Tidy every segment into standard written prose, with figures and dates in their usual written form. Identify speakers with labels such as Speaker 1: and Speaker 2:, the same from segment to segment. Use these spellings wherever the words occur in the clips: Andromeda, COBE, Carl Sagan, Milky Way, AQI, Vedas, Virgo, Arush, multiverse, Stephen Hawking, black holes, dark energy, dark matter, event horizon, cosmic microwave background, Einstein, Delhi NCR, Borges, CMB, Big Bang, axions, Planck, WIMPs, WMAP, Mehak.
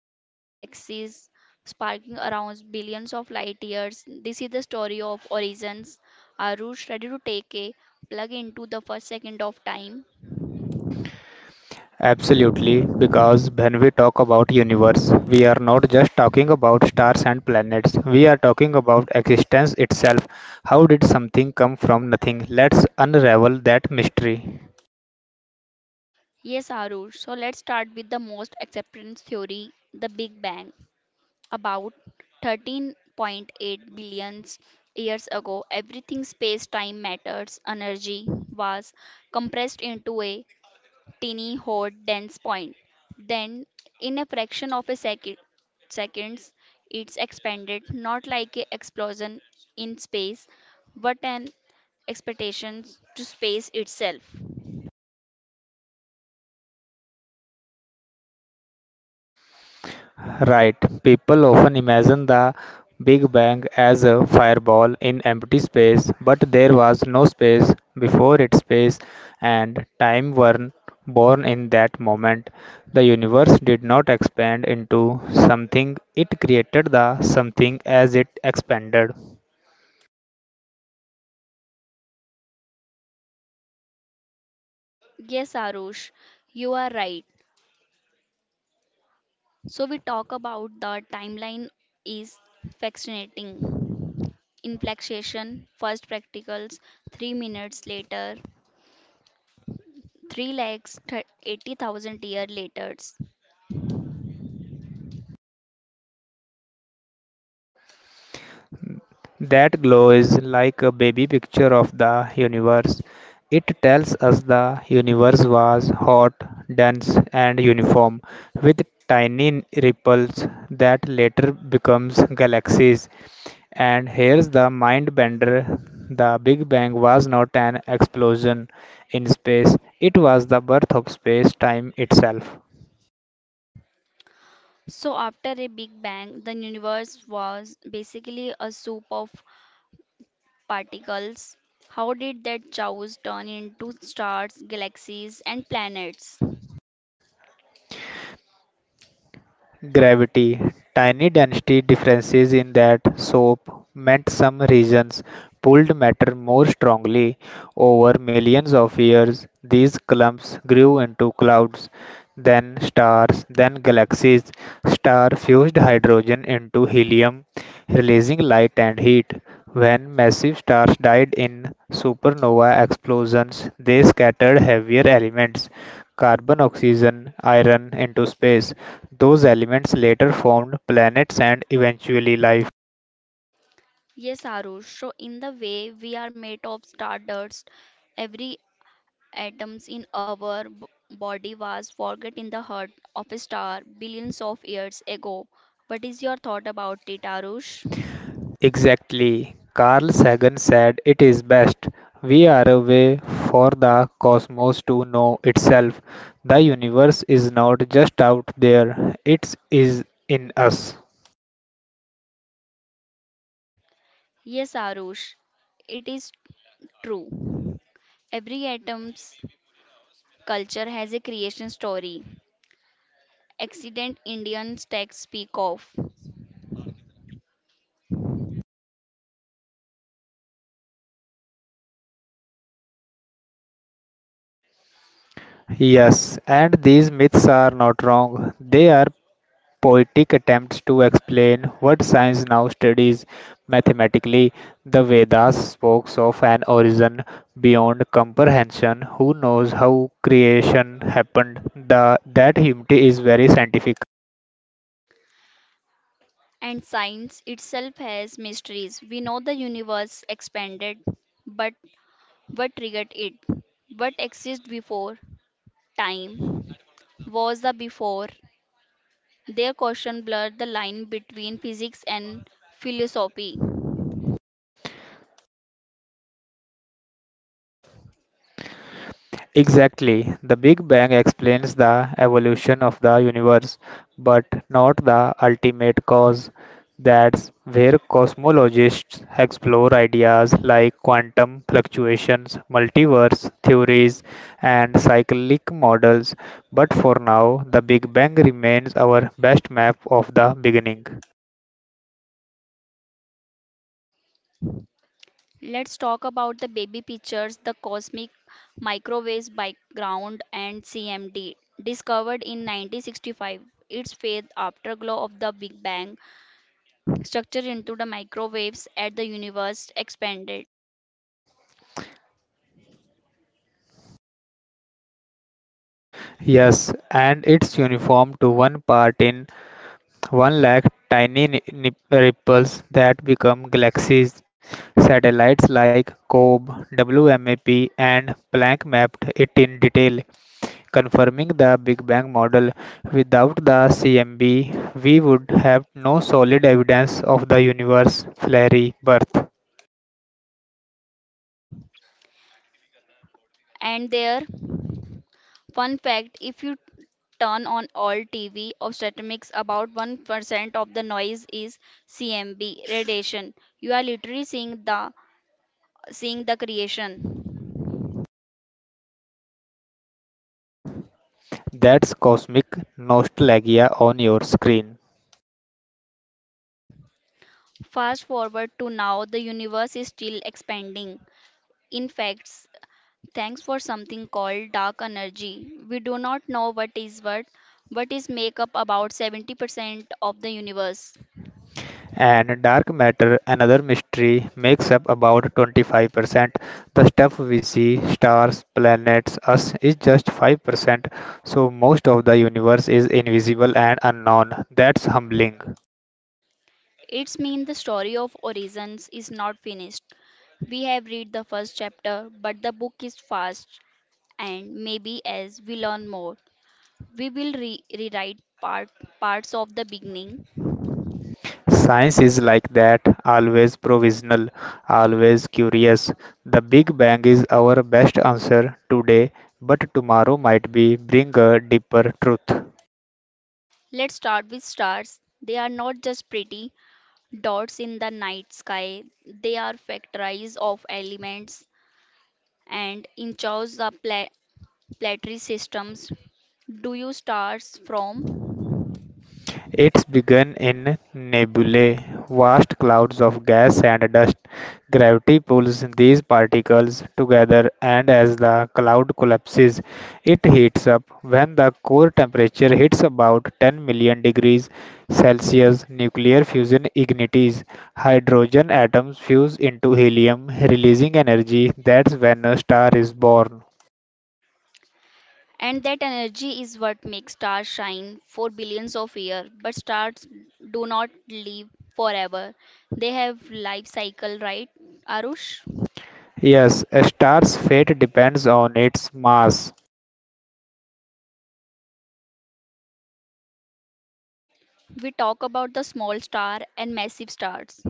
Speaker 1: atom galaxies sparking around billions of light years. This is the story of origins. Arush, ready to take a plug into the first second of time?
Speaker 2: Absolutely, because when we talk about universe, we are not just talking about stars and planets. We are talking about existence itself. How did something come from nothing? Let's unravel that mystery.
Speaker 1: Yes, Arush. So let's start with the most acceptance theory, the Big Bang. About 13.8 billion years ago, everything space time matters, energy was compressed into a teeny, hot, dense point. Then, in a fraction of a second, seconds, it's expanded, not like an explosion in space, but an expectations to space itself.
Speaker 2: Right, people often imagine the Big Bang as a fireball in empty space, but there was no space before it. Space and time were born in that moment. The universe did not expand into something, it created the something as it expanded.
Speaker 1: Yes, Arush, you are right. So we talk about the timeline is fascinating. Inflection, first practicals, 3 minutes later, 80,000 year later.
Speaker 2: That glow is like a baby picture of the universe. It tells us the universe was hot, dense, and uniform, with tiny ripples that later becomes galaxies. And here's the mind bender. The Big Bang was not an explosion in space, it was the birth of space time itself.
Speaker 1: So after a big bang, the universe was basically a soup of particles. How did that chaos turn into stars, galaxies, and planets?
Speaker 2: Gravity. Tiny density differences in that soap meant some regions pulled matter more strongly. Over millions of years, these clumps grew into clouds, then stars, then galaxies. Star fused hydrogen into helium, releasing light and heat. When massive stars died in supernova explosions, they scattered heavier elements, carbon, oxygen, iron into space. Those elements later formed planets and eventually life.
Speaker 1: Yes, Arush. So in the way we are made of stardust, every atoms in our body was forgotten in the heart of a star billions of years ago. What is your thought about it, Arush?
Speaker 2: Exactly. Carl Sagan said it is best. We are a way for the cosmos to know itself. The universe is not just out there, it is in us.
Speaker 1: Yes, Arush, it is true. Every atom's culture has a creation story. Accident Indian texts speak of.
Speaker 2: Yes, and these myths are not wrong. They are poetic attempts to explain what science now studies mathematically. The Vedas spoke of an origin beyond comprehension. Who knows how creation happened? That humility is very scientific.
Speaker 1: And science itself has mysteries. We know the universe expanded, but what triggered it? What existed before time? Was the before their question blurred the line between physics and philosophy.
Speaker 2: Exactly. The Big Bang explains the evolution of the universe, but not the ultimate cause. That's where cosmologists explore ideas like quantum fluctuations, multiverse theories, and cyclic models. But for now, the Big Bang remains our best map of the beginning.
Speaker 1: Let's talk about the baby pictures, the cosmic microwave background, and CMD. Discovered in 1965, its faith afterglow of the Big Bang structure into the microwaves at the universe expanded.
Speaker 2: Yes, and it's uniform to one part in One lakh tiny ripples that become galaxies. Satellites like COBE, WMAP, and Planck mapped it in detail, confirming the Big Bang model. Without the CMB, we would have no solid evidence of the universe's fiery birth.
Speaker 1: And there, fun fact, if you turn on all TV of statistics, about 1% of the noise is CMB radiation. You are literally seeing the creation.
Speaker 2: That's cosmic nostalgia on your screen.
Speaker 1: Fast forward to now, the universe is still expanding. In fact, thanks for something called dark energy. We do not know what is what, but is make up about 70% of the universe.
Speaker 2: And dark matter, another mystery, makes up about 25%. The stuff we see, stars, planets, us, is just 5%. So most of the universe is invisible and unknown. That's humbling.
Speaker 1: It's mean the story of Origins is not finished. We have read the first chapter, but the book is fast, and maybe as we learn more, we will rewrite parts of the beginning.
Speaker 2: Science is like that, always provisional, always curious. The Big Bang is our best answer today, but tomorrow might be bring a deeper truth.
Speaker 1: Let's start with stars. They are not just pretty dots in the night sky. They are factories of elements and in charge the planetary systems. Do you stars from?
Speaker 2: Its begun in nebulae, vast clouds of gas and dust. Gravity pulls these particles together and as the cloud collapses, it heats up. When the core temperature hits about 10 million degrees Celsius, nuclear fusion ignites. Hydrogen atoms fuse into helium, releasing energy. That's when a star is born.
Speaker 1: And that energy is what makes stars shine for billions of years. But stars do not live forever. They have life cycle, right? Arush,
Speaker 2: Yes, a star's fate depends on its mass.
Speaker 1: we talk about the small star and massive stars.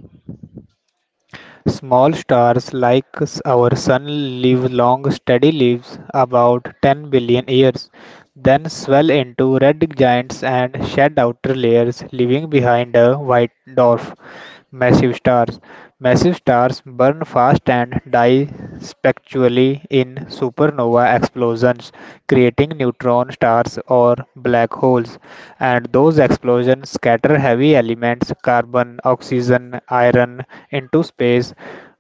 Speaker 2: Small stars like our Sun live long, steady lives, about 10 billion years, then swell into red giants and shed outer layers, leaving behind a white dwarf. Massive stars. Massive stars burn fast and die spectrally in supernova explosions, creating neutron stars or black holes. And those explosions scatter heavy elements, carbon, oxygen, iron, into space.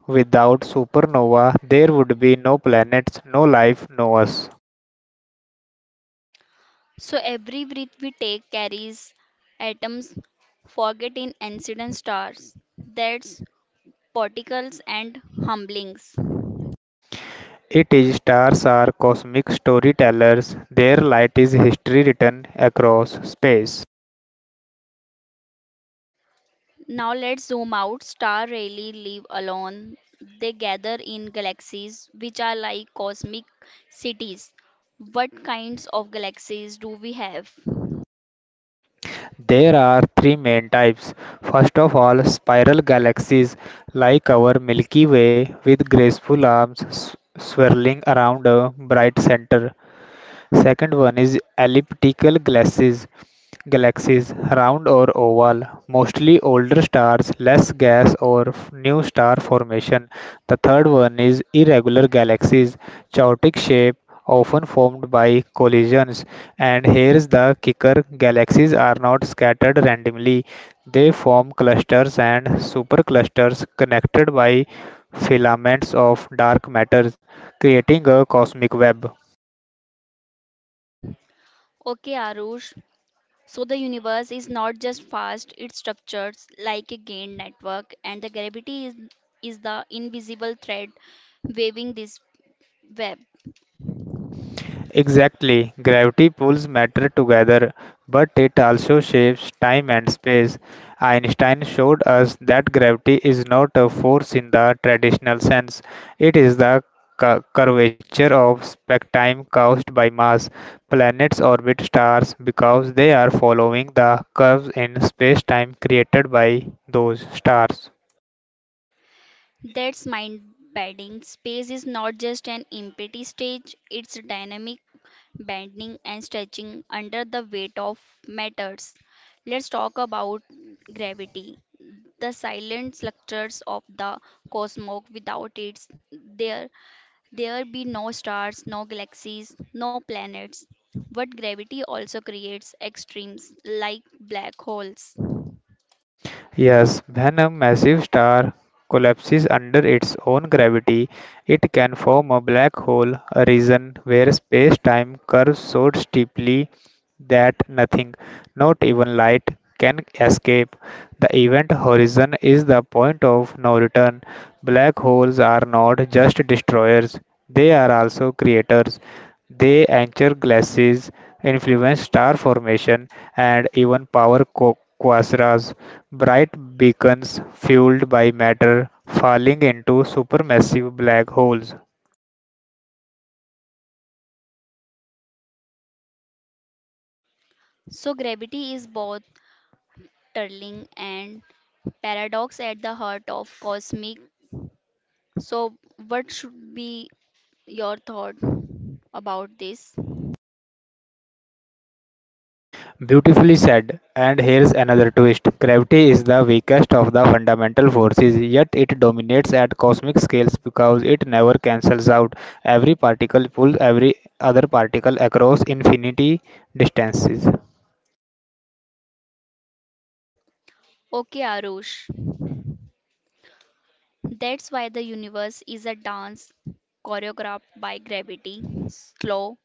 Speaker 2: Without supernova, there would be no planets, no life, no us.
Speaker 1: So every breath we take carries atoms. Forget in incident stars. That's particles and humblings.
Speaker 2: It is stars are cosmic storytellers. Their light is history written across space.
Speaker 1: Now let's zoom out. Stars rarely live alone. They gather in galaxies, which are like cosmic cities. What kinds of galaxies do we have?
Speaker 2: There are three main types. First of all, spiral galaxies like our Milky Way with graceful arms swirling around a bright center. Second one is galaxies, round or oval, mostly older stars, less gas or new star formation. The third one is irregular galaxies, chaotic shape, often formed by collisions. And here's the kicker galaxies are not scattered randomly, they form clusters and superclusters connected by filaments of dark matter, creating a cosmic web.
Speaker 1: Okay, Arush. So the universe is not just vast; it's structured like a gained network, and the gravity is the invisible thread waving this web.
Speaker 2: Exactly, gravity pulls matter together, but it also shapes time and space. Einstein showed us that gravity is not a force in the traditional sense, it is the curvature of spectrum caused by mass. Planets orbit stars because they are following the curves in space time created by those stars.
Speaker 1: That's mind bending. Space is not just an empty stage; it's dynamic, bending and stretching under the weight of matters. Let's talk about gravity, the silent structures of the cosmos. Without it, there there be no stars, no galaxies, no planets. But gravity also creates extremes like black holes.
Speaker 2: Yes, when a massive star collapses under its own gravity, it can form a black hole, a region where space-time curves so steeply that nothing, not even light, can escape. The event horizon is the point of no return. Black holes are not just destroyers, they are also creators. They anchor glasses, influence star formation, and even power quasars, bright beacons fueled by matter falling into supermassive black holes.
Speaker 1: So gravity is both turling and paradox at the heart of cosmic. So what should be your thought about this?
Speaker 2: Beautifully said. And here's another twist gravity is the weakest of the fundamental forces, yet it dominates at cosmic scales because it never cancels out. Every particle pulls every other particle across infinity distances.
Speaker 1: Okay, Arush. That's why the universe is a dance choreographed by gravity, slow,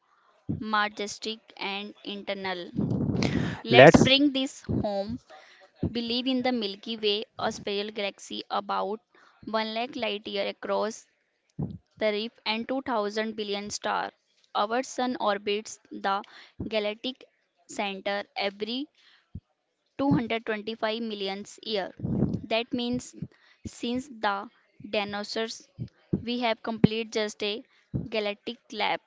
Speaker 1: majestic, and internal. Let's
Speaker 2: Let's
Speaker 1: bring this home. Believe in the Milky Way, a spiral galaxy about 1 lakh light year across the reef and 2000 billion stars. Our sun orbits the galactic center every 225 million years. That means since the dinosaurs, we have complete just a galactic lap.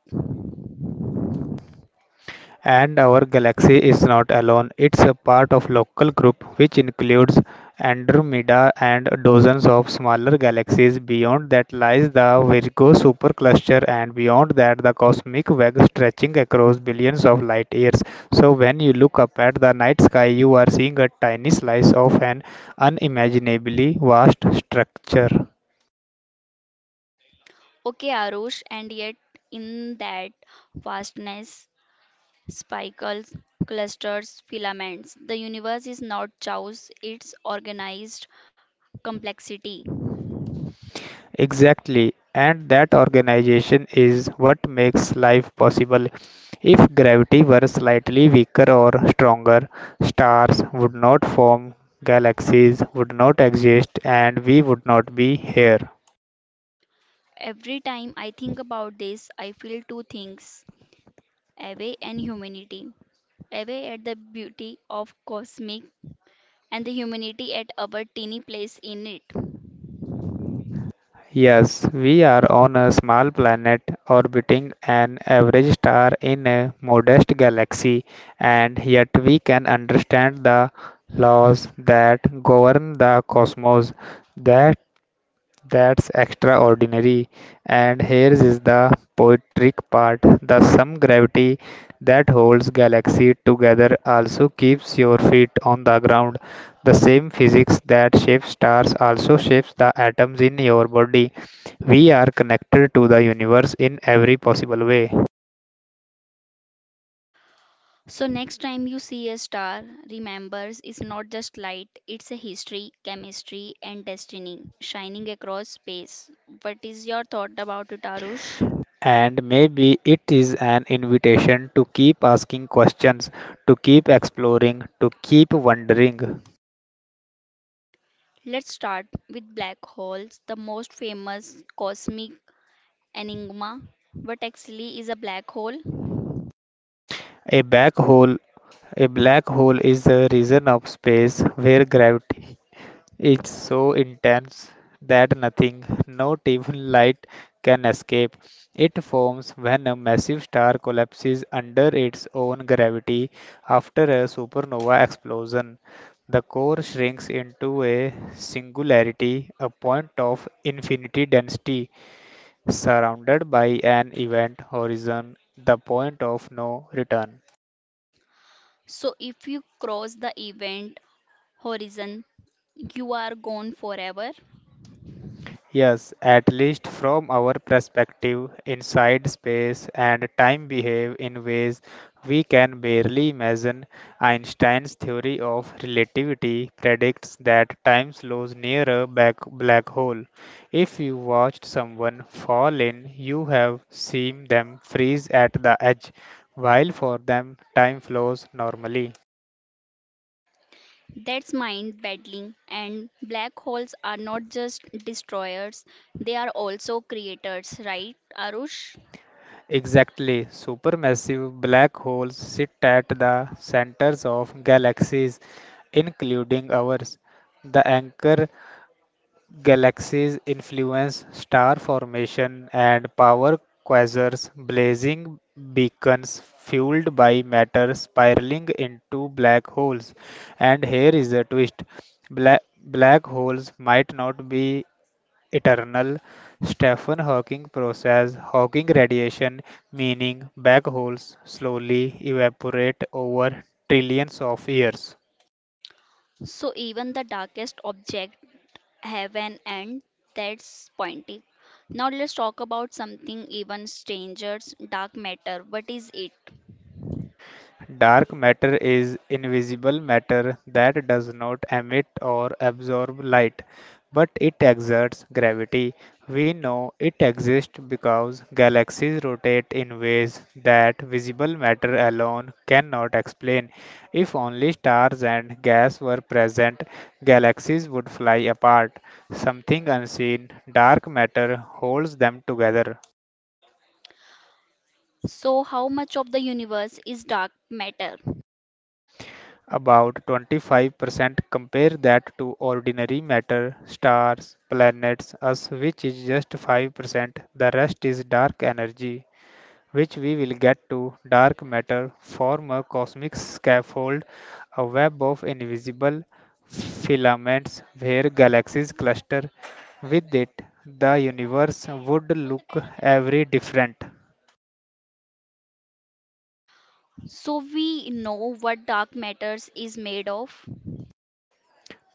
Speaker 2: And our galaxy is not alone, it's a part of local group which includes Andromeda and dozens of smaller galaxies. Beyond that lies the Virgo supercluster, and beyond that, the cosmic web stretching across billions of light years. So, when you look up at the night sky, you are seeing a tiny slice of an unimaginably vast structure.
Speaker 1: Okay, Arush, and yet in that vastness, spikes, clusters, filaments, the universe is not chaos, it's organized complexity.
Speaker 2: Exactly, and that organization is what makes life possible. If gravity were slightly weaker or stronger, stars would not form, galaxies would not exist, and we would not be here.
Speaker 1: Every time I think about this, I feel two things away and humanity. Away at the beauty of cosmic and the humanity at our teeny place in it.
Speaker 2: Yes, we are on a small planet orbiting an average star in a modest galaxy, and yet we can understand the laws that govern the cosmos. That That's extraordinary. And here is the poetic part. The sum gravity that holds galaxy together also keeps your feet on the ground. The same physics that shapes stars also shapes the atoms in your body. We are connected to the universe in every possible way.
Speaker 1: So, next time you see a star, remember it's not just light, it's a history, chemistry, and destiny shining across space. What is your thought about it, Arush?
Speaker 2: And maybe it is an invitation to keep asking questions, to keep exploring, to keep wondering.
Speaker 1: Let's start with black holes, the most famous cosmic enigma. What actually is a black hole?
Speaker 2: A black hole A black hole is a region of space where gravity is so intense that nothing, not even light, can escape. It forms when a massive star collapses under its own gravity after a supernova explosion. The core shrinks into a singularity, a point of infinity density, surrounded by an event horizon, the point of no return.
Speaker 1: So, if you cross the event horizon, you are gone forever.
Speaker 2: Yes, at least from our perspective, inside space and time behave in ways we can barely imagine. Einstein's theory of relativity predicts that time slows near a back black hole. If you watched someone fall in, you have seen them freeze at the edge, while for them time flows normally.
Speaker 1: That's mind battling, and black holes are not just destroyers, they are also creators, right, Arush?
Speaker 2: Exactly. Supermassive black holes sit at the centers of galaxies, including ours. The anchor galaxies influence star formation and power quasars, blazing beacons fueled by matter spiraling into black holes. And here is a twist. Black holes might not be eternal Stephen Hawking process. Hawking radiation, meaning black holes, slowly evaporate over trillions of years.
Speaker 1: So even the darkest object have an end. That's pointing. Now let's talk about something even stranger, dark matter. What is it?
Speaker 2: Dark matter is invisible matter that does not emit or absorb light, but it exerts gravity. We know it exists because galaxies rotate in ways that visible matter alone cannot explain. If only stars and gas were present, galaxies would fly apart. Something unseen, dark matter holds them together.
Speaker 1: So how much of the universe is dark matter?
Speaker 2: About 25%. Compare that to ordinary matter, stars, planets, us, which is just 5%. The rest is dark energy, which we will get to. Dark matter form a cosmic scaffold, a web of invisible filaments where galaxies cluster. With it, the universe would look every different.
Speaker 1: So we know what dark matters is made of?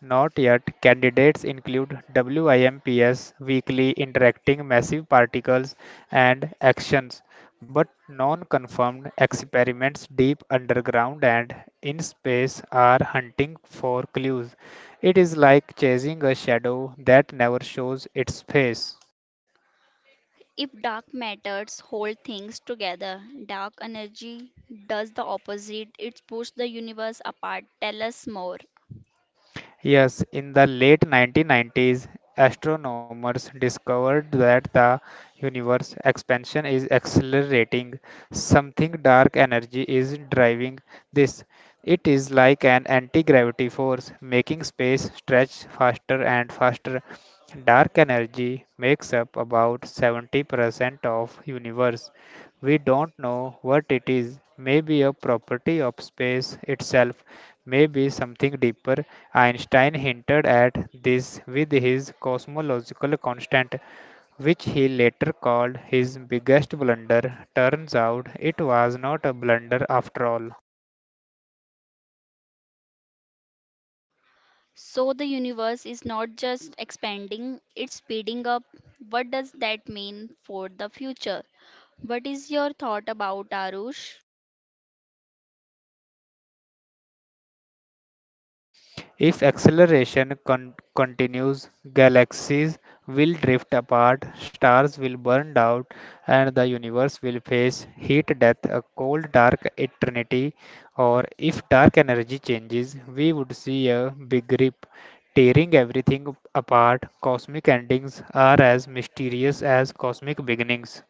Speaker 2: Not yet. Candidates include WIMPs, weakly interacting massive particles, and actions, but non confirmed experiments deep underground and in space are hunting for clues. It is like chasing a shadow that never shows its face.
Speaker 1: If dark matters hold things together, dark energy does the opposite. It pushes the universe apart. Tell us more.
Speaker 2: Yes, in the late 1990s, astronomers discovered that the universe expansion is accelerating. Something dark energy is driving this. It is like an anti-gravity force, making space stretch faster and faster. Dark energy makes up about 70% of universe. We don't know what it is. Maybe a property of space itself, maybe something deeper, Einstein hinted at this with his cosmological constant, which he later called his biggest blunder. Turns out it was not a blunder after all.
Speaker 1: So the universe is not just expanding, it's speeding up. What does that mean for the future? What is your thought about Arush?
Speaker 2: If continues, galaxies will drift apart, stars will burn out, and the universe will face heat death, a cold dark eternity. Or if dark energy changes, we would see a big rip, tearing everything apart. Cosmic endings are as mysterious as cosmic beginnings.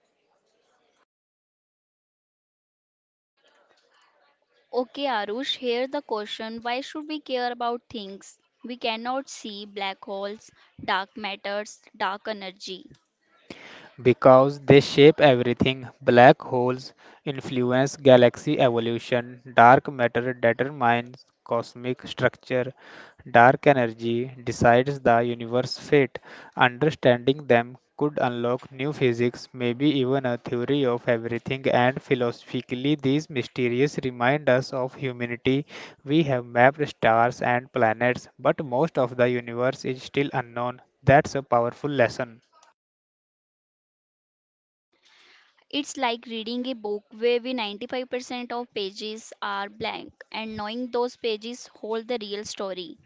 Speaker 1: Okay, Arush, here the question, why should we care about things? We cannot see black holes, dark matters, dark energy.
Speaker 2: Because they shape everything. Black holes influence galaxy evolution, dark matter determines cosmic structure, dark energy decides the universe's fate. Understanding them could unlock new physics, maybe even a theory of everything, and philosophically, these mysteries remind us of humanity. We have mapped stars and planets, but most of the universe is still unknown. That's a powerful lesson.
Speaker 1: It's like reading a book where we 95% of pages are blank and knowing those pages hold the real story.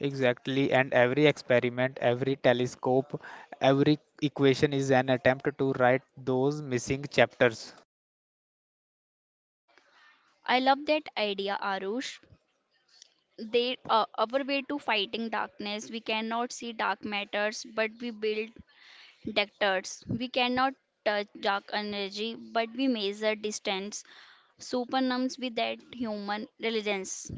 Speaker 2: Exactly, and every experiment, every telescope, every equation is an attempt to write those missing chapters.
Speaker 1: I love that idea, Arush. They our way to fighting darkness. We cannot see dark matters, but we build detectors. We cannot touch dark energy, but we measure distance. Supernums with that human diligence.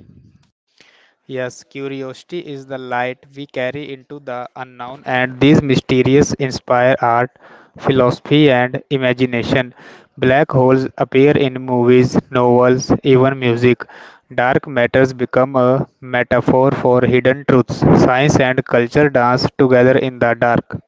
Speaker 2: Yes, curiosity is the light we carry into the unknown, and these mysteries inspire art, philosophy, and imagination. Black holes appear in movies, novels, even music. Dark matters become a metaphor for hidden truths. Science and culture dance together in the dark.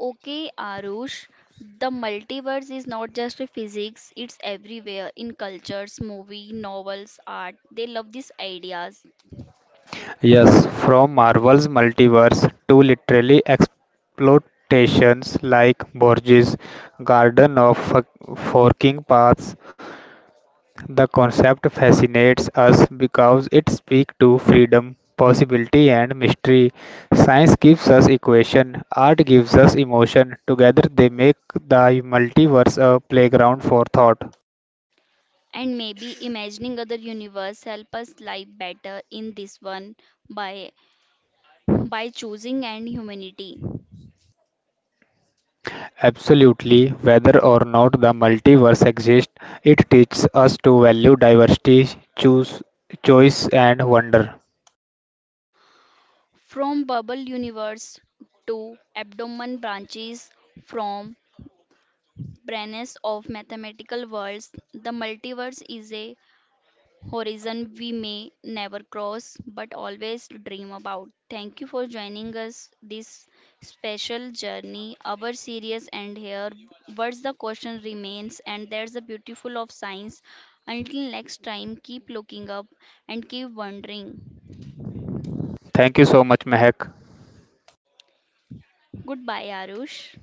Speaker 1: Okay, Arush, the multiverse is not just a physics, it's everywhere in cultures, movie, novels, art. They love these ideas.
Speaker 2: Yes, from Marvel's multiverse to literally exploitations like Borges' Garden of Forking Paths, the concept fascinates us because it speaks to freedom, possibility, and mystery. Science gives us equation, art gives us emotion. Together, they make the multiverse a playground for thought.
Speaker 1: And maybe imagining other universe help us live better in this one by by choosing and humanity.
Speaker 2: Absolutely, whether or not the multiverse exists, it teaches us to value diversity, choose choice and wonder.
Speaker 1: From bubble universe to abdomen branches from branes of mathematical worlds, the multiverse is a horizon we may never cross but always dream about. Thank you for joining us this special journey. Our series end here. What's the question remains and there's the beautiful of science. Until next time keep looking up and keep wondering.
Speaker 2: Thank you so much, Mehak.
Speaker 1: Goodbye, Arush.